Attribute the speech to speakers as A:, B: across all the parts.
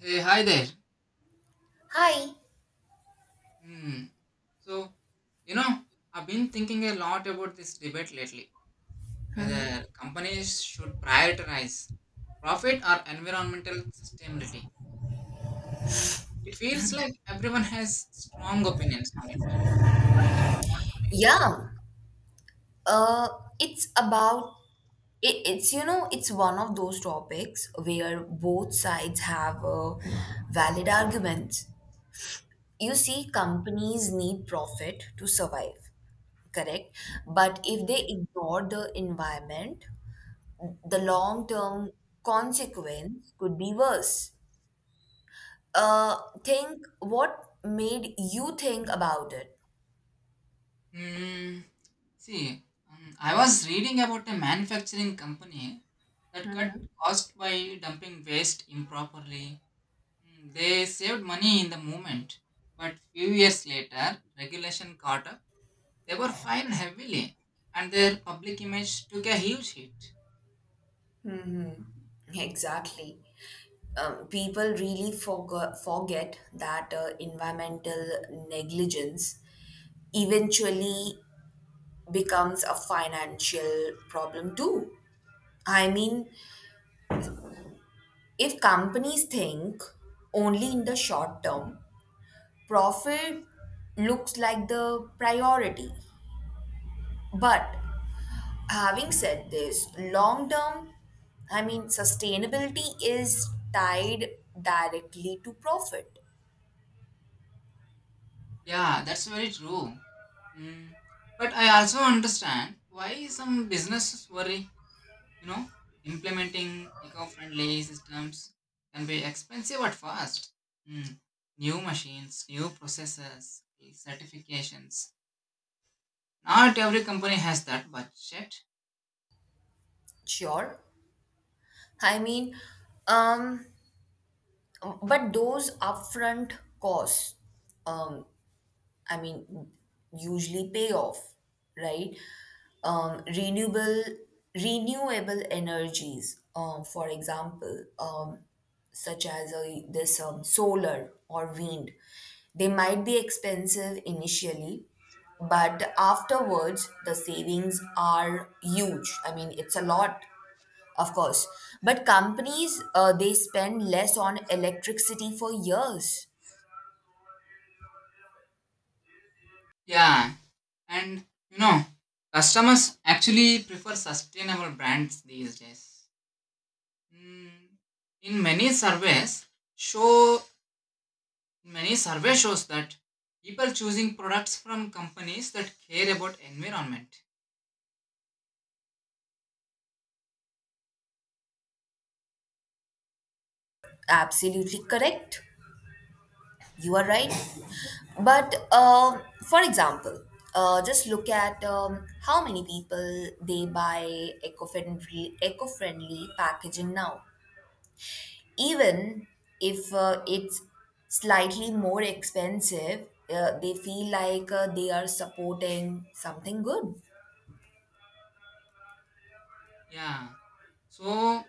A: Hey, hi there.
B: Hi.
A: Hmm. So, you know, I've been thinking a lot about this debate lately whether companies should prioritize profit or environmental sustainability. Hmm. It feels like everyone has strong opinions on it. What's your thoughts on
B: Yeah. Uh, it's about it, it's you know It's one of those topics where both sides have valid arguments. You see, companies need profit to survive, correct? But if they ignore the environment, the long term consequence could be worse. Uh, think what made you think about it.
A: it? Hmm. See, I was reading about a manufacturing company that cut cost by dumping waste improperly. Mm, they saved money in the moment, but few years later, regulation caught up. They were fined heavily, and their public image took a huge hit.
B: Exactly. People really forget that environmental negligence eventually becomes a financial problem too. I mean, if companies think only in the short term, profit looks like the priority. But having said this, long term, I mean, sustainability is tied directly to profit.
A: Yeah, that's very true. Mm. But I also understand why some businesses worry. You know, implementing eco-friendly systems can be expensive at first. Mm. New machines, new processes, certifications. Not every company has that budget.
B: Sure, I mean, um, but those upfront costs, um, I mean, usually pay off, right? Um, renewable renewable energies, for example, such as this solar or wind, they might be expensive initially, but afterwards the savings are huge. I mean, it's a lot, of course, but companies they spend less on electricity for years.
A: Yeah. And you know, customers actually prefer sustainable brands these days. Mm, in many surveys, show many survey shows that people choosing products from companies that care about environment.
B: Absolutely correct. You are right. But for example, just look at how many people they buy eco-friendly packaging now. Even if it's slightly more expensive, they feel like they are supporting something good.
A: Yeah. So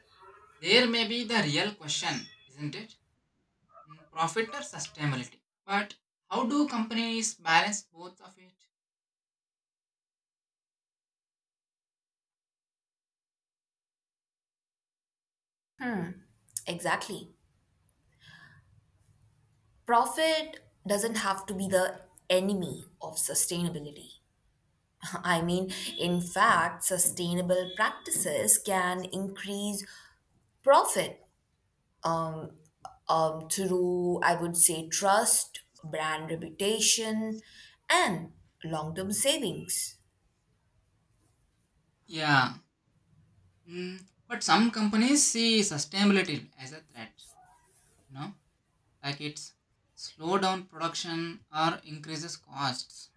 A: there may be the real question, isn't it? Mm, profit or sustainability? But how do companies balance both of it?
B: Exactly. Profit doesn't have to be the enemy of sustainability. I mean, in fact, sustainable practices can increase profit through, I would say, trust, brand reputation, and long term savings.
A: Yeah. Mm, but some companies see sustainability as a threat. You know, like it's slow down production or increases costs.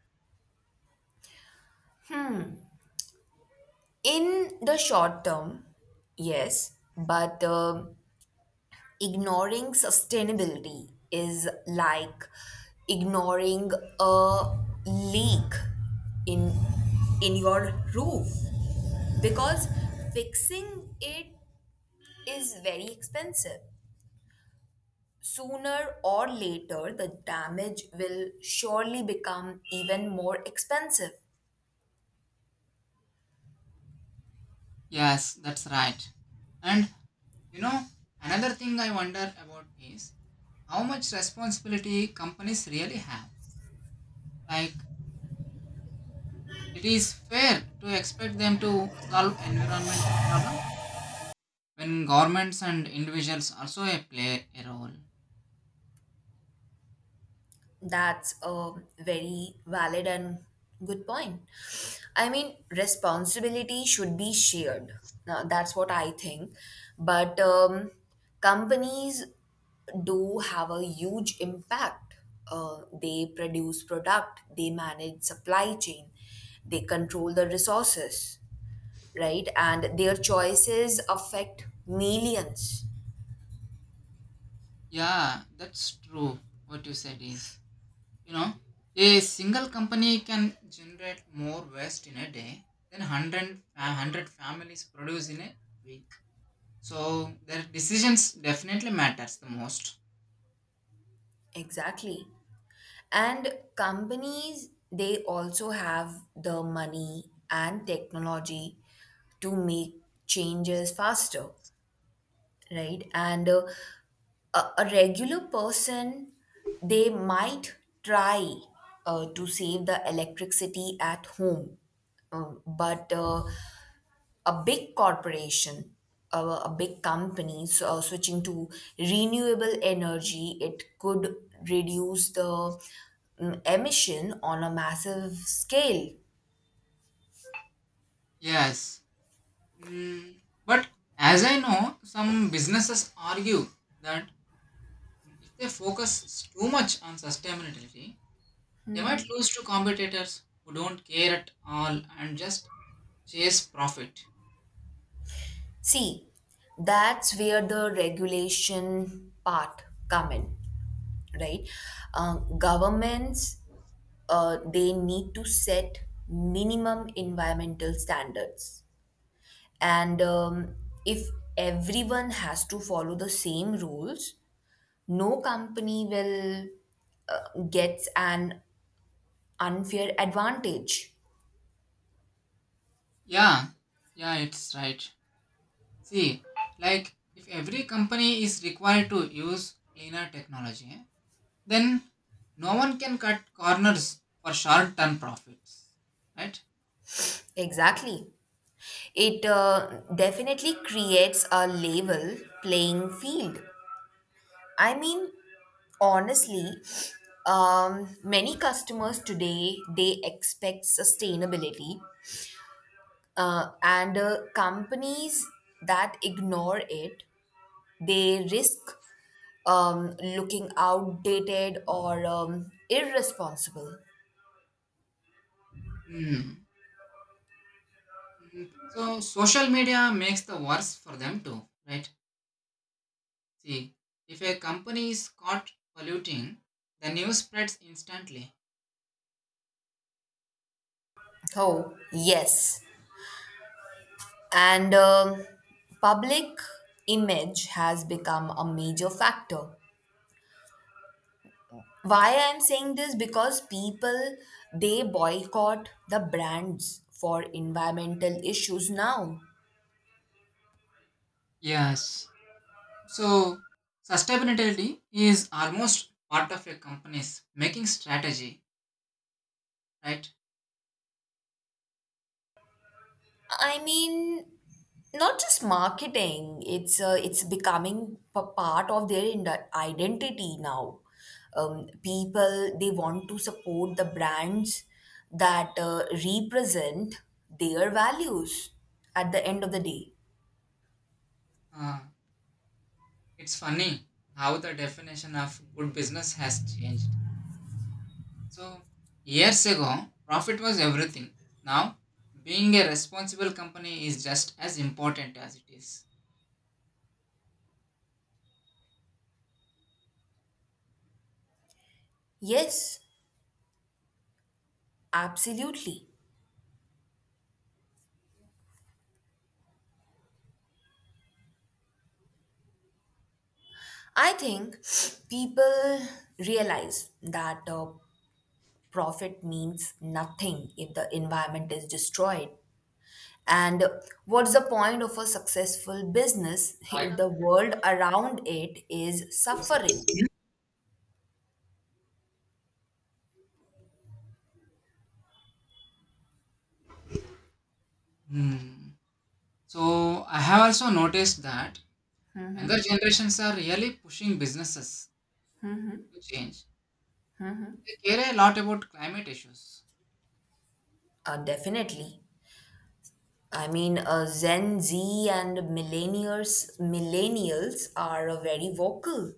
B: In the short term, yes, but ignoring sustainability is like ignoring a leak in in your roof because fixing it is very expensive. Sooner or later, the damage will surely become even more expensive.
A: Yes, that's right. And you know, another thing I wonder about is how much responsibility companies really have, like it is fair to expect them to solve environmental problems when governments and individuals also play a role.
B: That's a very valid and good point. I mean, responsibility should be shared. Now, that's what I think. But companies do have a huge impact. They produce product, they manage supply chain, they control the resources, right? And their choices affect millions.
A: Yeah, that's true. What you said is, you know, a single company can generate more waste in a day than 100, 100 families produce in a week. So their decisions definitely matters the most.
B: Exactly. And companies, they also have the money and technology to make changes faster, right? And a regular person, they might try to save the electricity at home. But a big corporation, a big company switching to renewable energy, it could reduce the emission on a massive scale.
A: Yes. Mm, but as I know, some businesses argue that if they focus too much on sustainability, they might lose to competitors who don't care at all and just chase profit.
B: See, that's where the regulation part come in, right? Governments they need to set minimum environmental standards, and if everyone has to follow the same rules, no company will gets an unfair advantage.
A: Yeah, yeah, it's right. See, like if every company is required to use cleaner technology, then no one can cut corners for short-term profits, right?
B: Exactly. It definitely creates a level playing field. I mean, honestly, many customers today they expect sustainability, and companies that ignore it, they risk looking outdated or irresponsible.
A: Hmm. Hmm. So social media makes the worse for them too, right? See, if a company is caught polluting, the news spreads instantly.
B: Oh, yes. And public image has become a major factor. Why I'm saying this? Because people they boycott the brands for environmental issues now.
A: Yes. So sustainability is almost part of a company's making strategy, right?
B: I mean, not just marketing. It's becoming part of their identity now. People they want to support the brands that represent their values. At the end of the day,
A: Uh, it's funny how the definition of good business has changed. So, years ago, profit was everything. Now, being a responsible company is just as important as it is.
B: yes, absolutely. I think people realize that profit means nothing if the environment is destroyed. And what's the point of a successful business
A: Right.
B: if the world around it is suffering?
A: Hmm. So, I have also noticed that younger generations are really pushing businesses to change. They care a lot about climate issues.
B: Definitely. I mean, Gen Z and millennials are very vocal.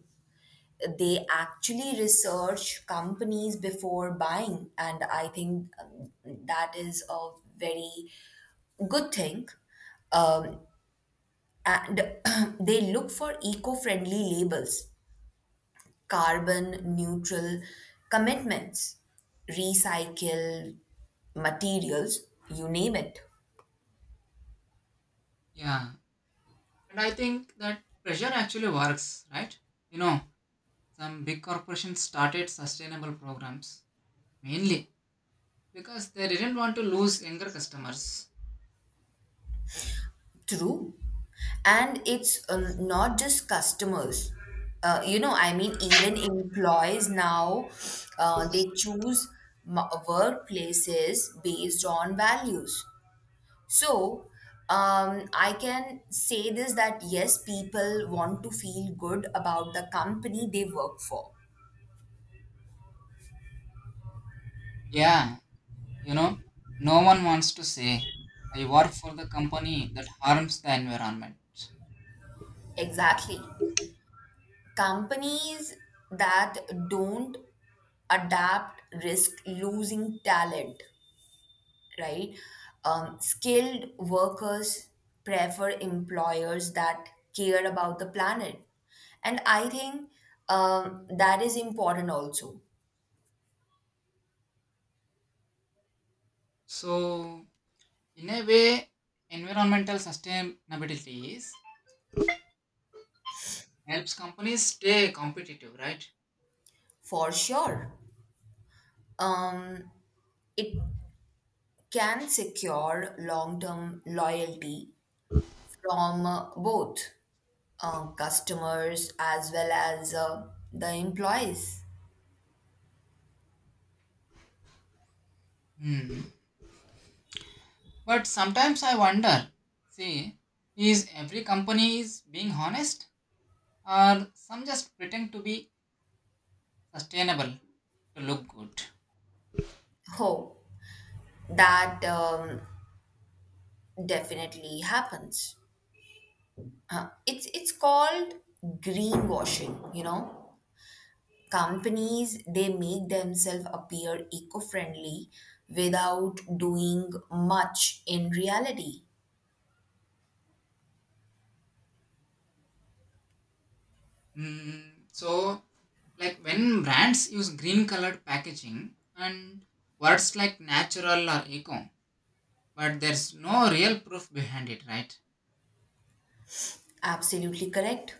B: They actually research companies before buying, and I think that is a very good thing. Um, and they look for eco-friendly labels, carbon neutral commitments, recycle materials, you name it.
A: Yeah. And I think that pressure actually works, right? You know, some big corporations started sustainable programs mainly because they didn't want to lose younger customers.
B: True. And it's not just customers. You know, I mean, even employees now, they choose workplaces based on values. So, I can say this that yes, people want to feel good about the company they work for.
A: Yeah, you know, no one wants to say, I work for the company that harms the environment.
B: Exactly. Companies that don't adapt risk losing talent, right? Skilled workers prefer employers that care about the planet. And I think that is important also.
A: So, in a way, environmental sustainability is, helps companies stay competitive, right?
B: For sure. Um, it can secure long term loyalty from both customers as well as the employees.
A: Hmm. But sometimes I wonder, see, is every company is being honest or some just pretend to be sustainable to look good?
B: Oh, that definitely happens. It's called greenwashing, you know. Companies they make themselves appear eco-friendly without doing much in reality.
A: Hmm. So, like when brands use green colored packaging and words like natural or eco, but there's no real proof behind it, right?
B: Absolutely correct.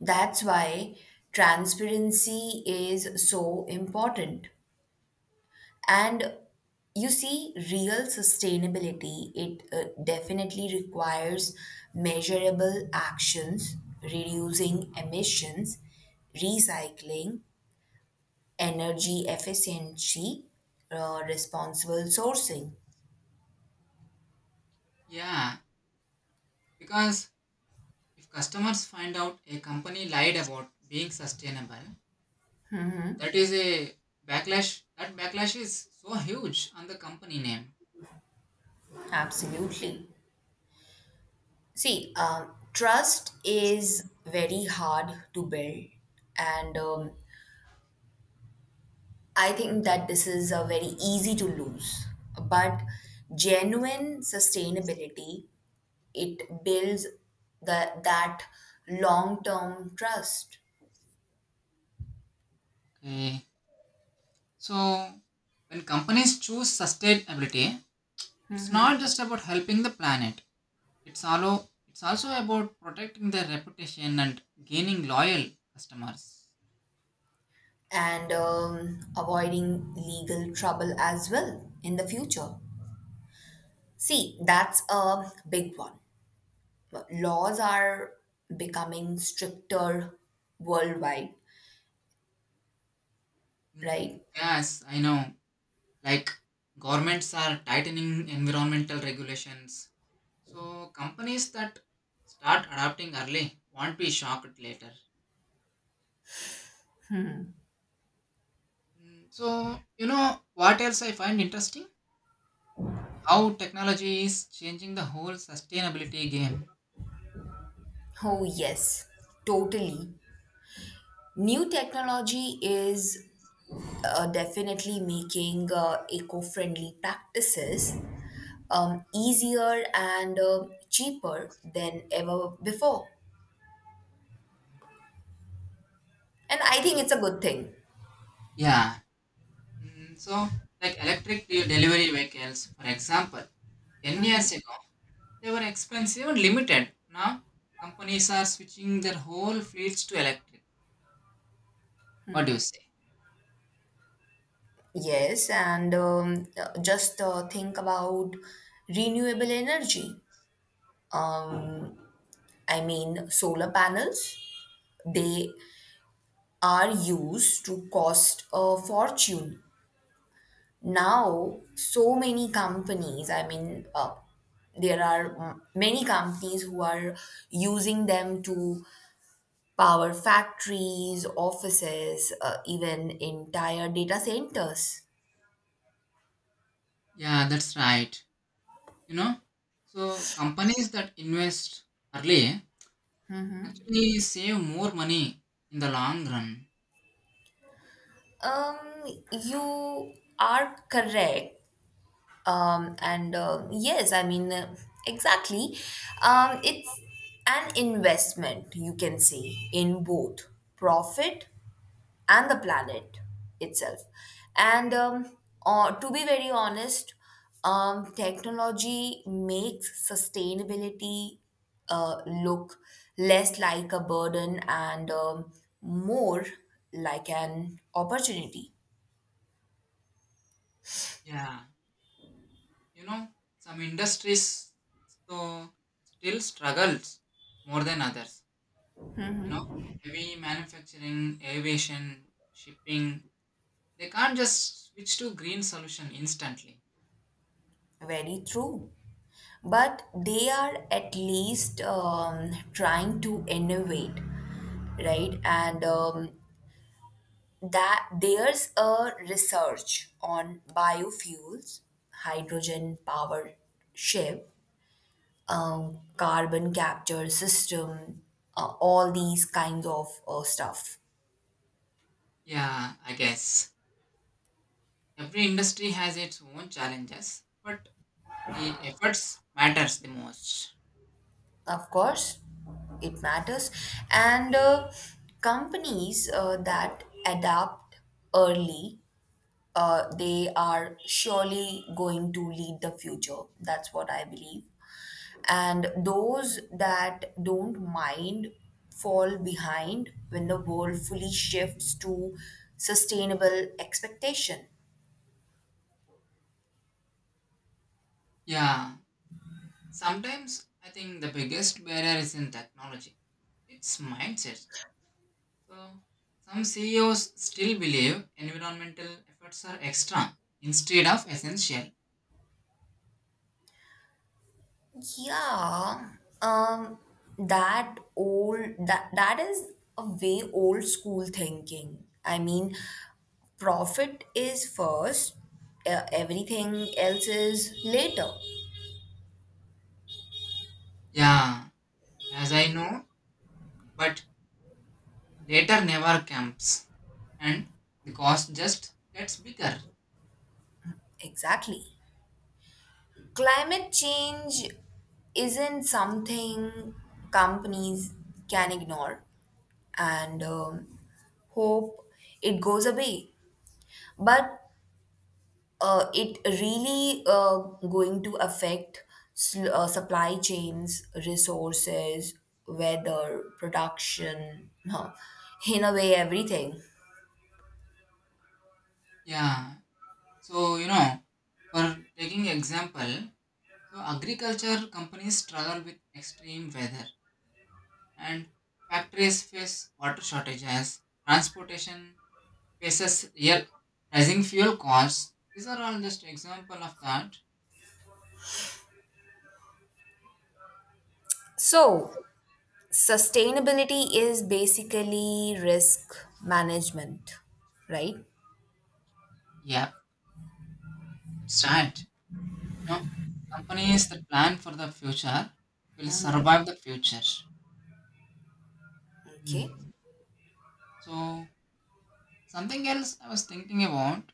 B: That's why transparency is so important. And you see, real sustainability, it definitely requires measurable actions, reducing emissions, recycling, energy efficiency, responsible sourcing.
A: Yeah, because if customers find out a company lied about being sustainable, that is a backlash. That backlash is so huge on the company name.
B: Absolutely. See, trust is very hard to build, and I think that this is very easy to lose. But genuine sustainability, it builds that long term trust,
A: Okay, so when companies choose sustainability, it's not just about helping the planet. It's also about protecting their reputation and gaining loyal customers.
B: and avoiding legal trouble as well in the future. See, that's a big one. Laws are becoming stricter worldwide, right?
A: Mm, yes, I know. Like governments are tightening environmental regulations. So companies that start adapting early won't be shocked later. Mm, so, you know what else I find interesting? How technology is changing the whole sustainability game.
B: Oh, yes, totally. New technology is definitely making eco friendly practices easier and cheaper than ever before. And I think
A: Okay.
B: it's a good thing.
A: Yeah. Mm, so, like electric delivery vehicles, for example, 10 years ago, they were expensive and limited. Now, companies are switching their whole fleets to electric. What do you say?
B: Yes, and just think about renewable energy. I mean, solar panels, they are used to cost a fortune. Now, so many companies, I mean, there are many companies who are using them to power factories, offices, even entire data centers.
A: Yeah, that's right. You know, so companies that invest early actually save more money in the long run.
B: Um, you are correct. And yes, I mean, exactly. It's an investment, you can say, in both profit and the planet itself. And to be very honest, technology makes sustainability look less like a burden and more like an opportunity.
A: Yeah, you know, some industries though still struggles more than others. You know, heavy manufacturing, aviation, shipping, they can't just switch to green solution instantly.
B: Very true. But they are at least trying to innovate, right? And that there's a research on biofuels, hydrogen powered ship, carbon capture system, all these kinds of stuff.
A: Yeah, I guess. Every industry has its own challenges, but the efforts matters the most.
B: Of course it matters, and companies that adapt early. They are surely going to lead the future. That's what I believe. And those that don't mind fall behind when the world fully shifts to sustainable expectation.
A: Yeah, sometimes I think the biggest barrier is in technology. It's mindset. So some CEOs still believe environmental efforts are extra instead of essential.
B: Yeah um that old that that is a way old school thinking. I mean, profit is first, everything else is later.
A: Yeah, as I know, but later never comes and the cost just gets bigger.
B: Exactly. Climate change isn't something companies can ignore and hope it goes away, but it really going to affect supply chains, resources, weather, production, huh, in a way, everything.
A: Yeah. So you know, for taking example, so agriculture companies struggle with extreme weather and factories face water shortages, transportation faces real rising fuel costs. These are all just example of that.
B: So, sustainability is basically risk management, right?
A: Yeah, that's right. You know, companies that plan for the future will survive the future.
B: Okay.
A: Hmm. So something else I was thinking about,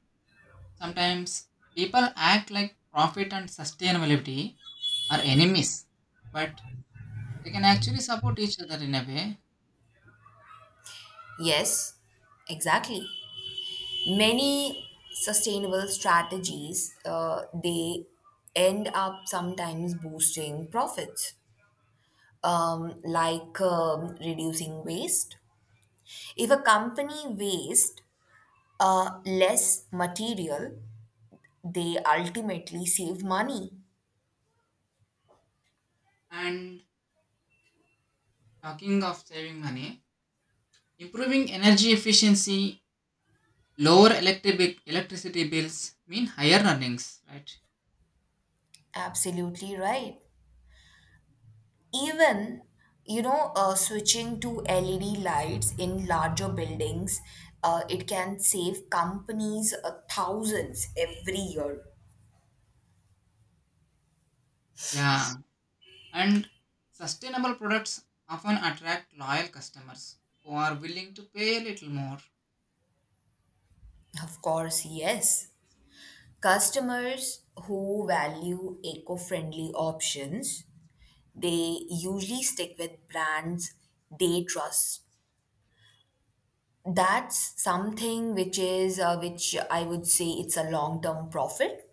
A: sometimes people act like profit and sustainability are enemies. But they can actually support each other in a way.
B: Yes, exactly. Many sustainable strategies they end up sometimes boosting profits, like reducing waste. If a company wastes less material, they ultimately save money.
A: And talking of saving money, improving energy efficiency, electricity bills mean higher earnings, right?
B: Absolutely right. Even, you know, switching to LED lights in larger buildings, it can save companies thousands every year.
A: Yeah. And sustainable products often attract loyal customers who are willing to pay a little more.
B: Of course, yes. Customers who value eco-friendly options, they usually stick with brands they trust. That's something which is which I would say it's a long-term profit.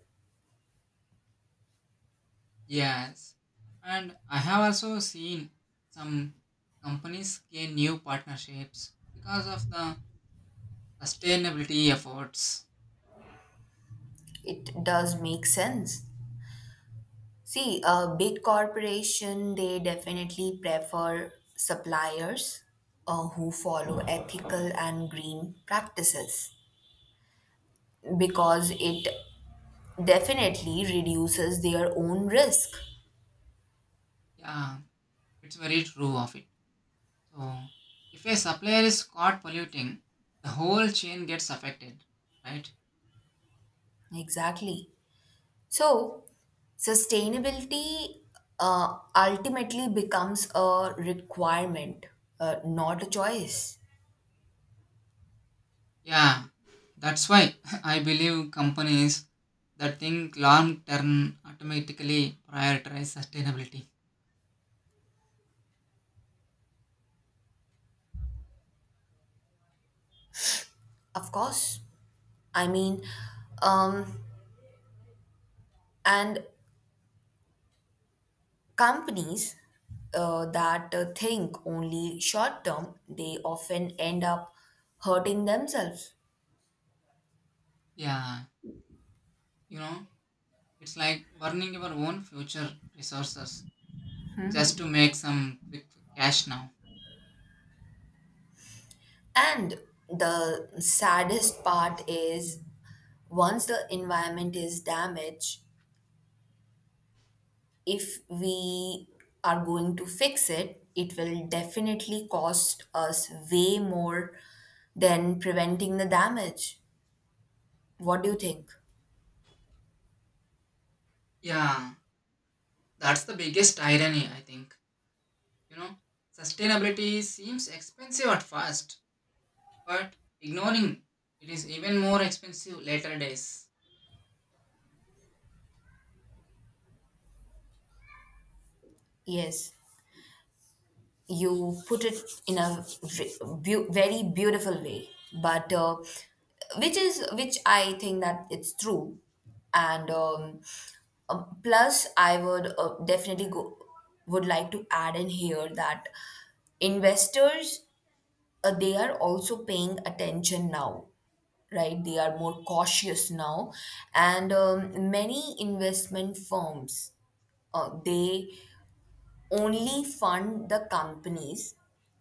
A: Yes. And I have also seen some companies gain new partnerships because of the sustainability efforts.
B: It does make sense. See, a big corporation, they definitely prefer suppliers who follow ethical and green practices because it definitely reduces their own risk.
A: Yeah, it's very true of it. So if a supplier is caught polluting, the whole chain gets affected, right?
B: Exactly. So, sustainability ultimately becomes a requirement, not a choice.
A: Yeah, that's why I believe companies that think long term automatically prioritize sustainability.
B: Of course. I mean, um, and companies that think only short term, they often end up hurting themselves.
A: Yeah, you know, it's like burning your own future resources just to make some quick cash now.
B: And the saddest part is, once the environment is damaged, if we are going to fix it, it will definitely cost us way more than preventing the damage. What do you think?
A: Yeah, that's the biggest irony, I think. You know, sustainability seems expensive at first, but ignoring it is even more expensive later days.
B: Yes. You put it in a very beautiful way, but which is, which I think that it's true. And plus I would definitely go would like to add in here that investors they are also paying attention now, right? They are more cautious now, and many investment firms they only fund the companies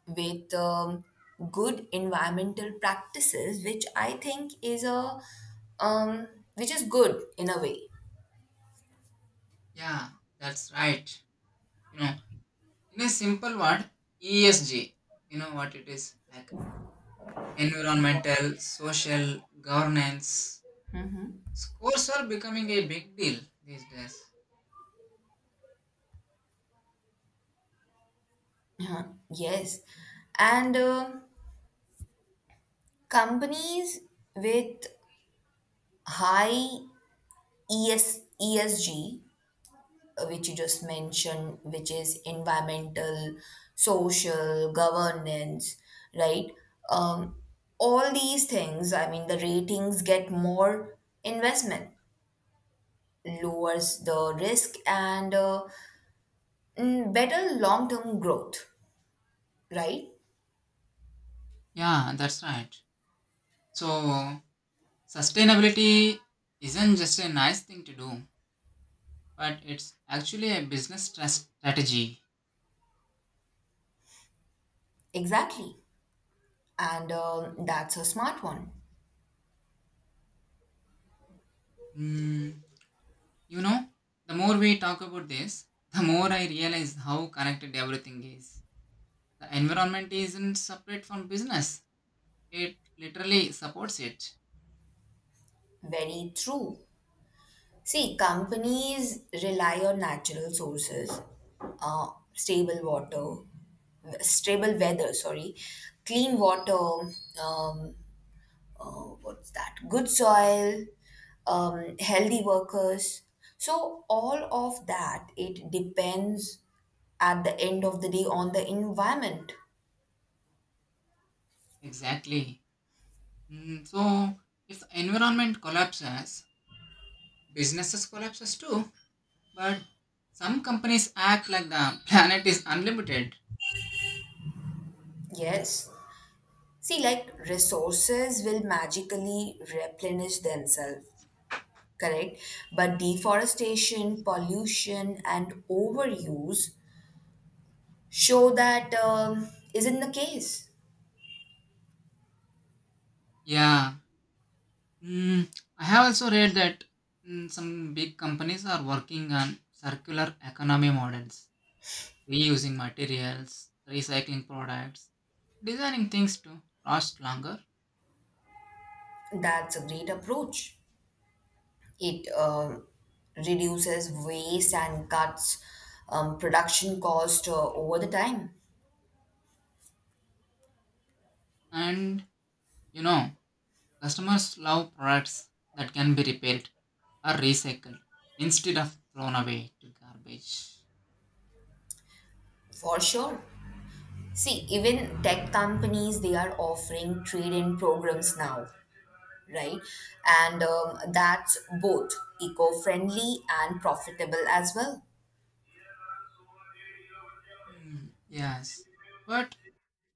B: with good environmental practices, which I think is a um, which is good in a way.
A: Yeah, that's right. You know, in a simple word, ESG, you know what it is, like environmental, social, governance. Scores are becoming a big deal these days.
B: Yes, and companies with high ESG which you just mentioned, which is environmental, social, governance, right? Um, all these things, I mean, the ratings get more investment, lowers the risk, and better long term growth, right?
A: Yeah, that's right. So, sustainability isn't just a nice thing to do, but it's actually a strategy.
B: Exactly. And that's a smart one.
A: Hmm, you know, the more we talk about this, the more I realize how connected everything is. The environment isn't separate from business, it literally supports it.
B: Very true. See, companies rely on natural sources, stable water, stable weather, sorry, clean water, um, what's that? Good soil, healthy workers. So, all of that, it depends at the end of the day on the environment.
A: Exactly. Mm, so, if the environment collapses, businesses collapses too. But some companies act like the planet is unlimited.
B: Yes. See, like resources will magically replenish themselves, correct? But deforestation, pollution, and overuse show that isn't the case.
A: Yeah. Mm, I have also read that mm, some big companies are working on circular economy models reusing materials, recycling products, designing things to last longer.
B: That's a great approach. It reduces waste and cuts production cost over the time.
A: And you know, customers love products that can be repaired or recycled instead of thrown away to garbage.
B: For sure. See, even tech companies they are offering trade-in programs now, right? And that's both eco-friendly and profitable as well.
A: Hmm, yes, but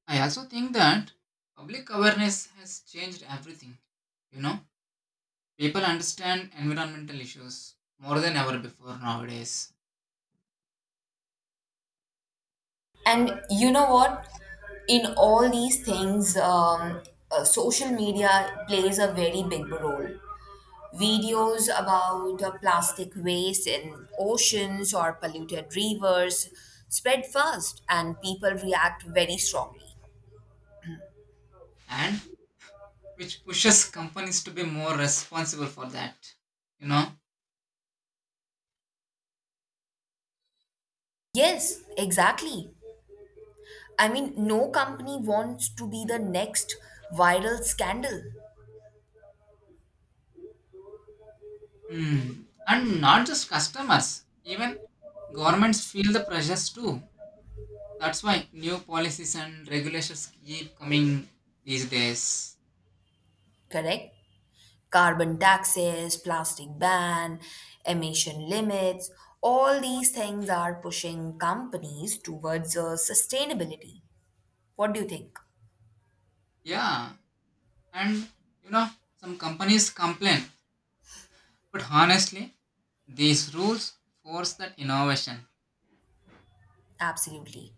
A: I also think that public awareness has changed everything. You know, people understand environmental issues more than ever before nowadays,
B: And you know what? In all these things, social media plays a very big role. Videos about plastic waste in oceans or polluted rivers spread fast, and people react very strongly.
A: and which pushes companies to be more responsible for that. You know,
B: Yes, exactly. I mean, no company wants to be the next viral scandal,
A: hmm. And not just customers, even governments feel the pressures too. That's why new policies and regulations keep coming these days.
B: correct? Carbon taxes, plastic ban, emission limits, all these things are pushing companies towards sustainability. What do you think?
A: Yeah, and you know, some companies complain, but honestly, these rules force that innovation.
B: Absolutely.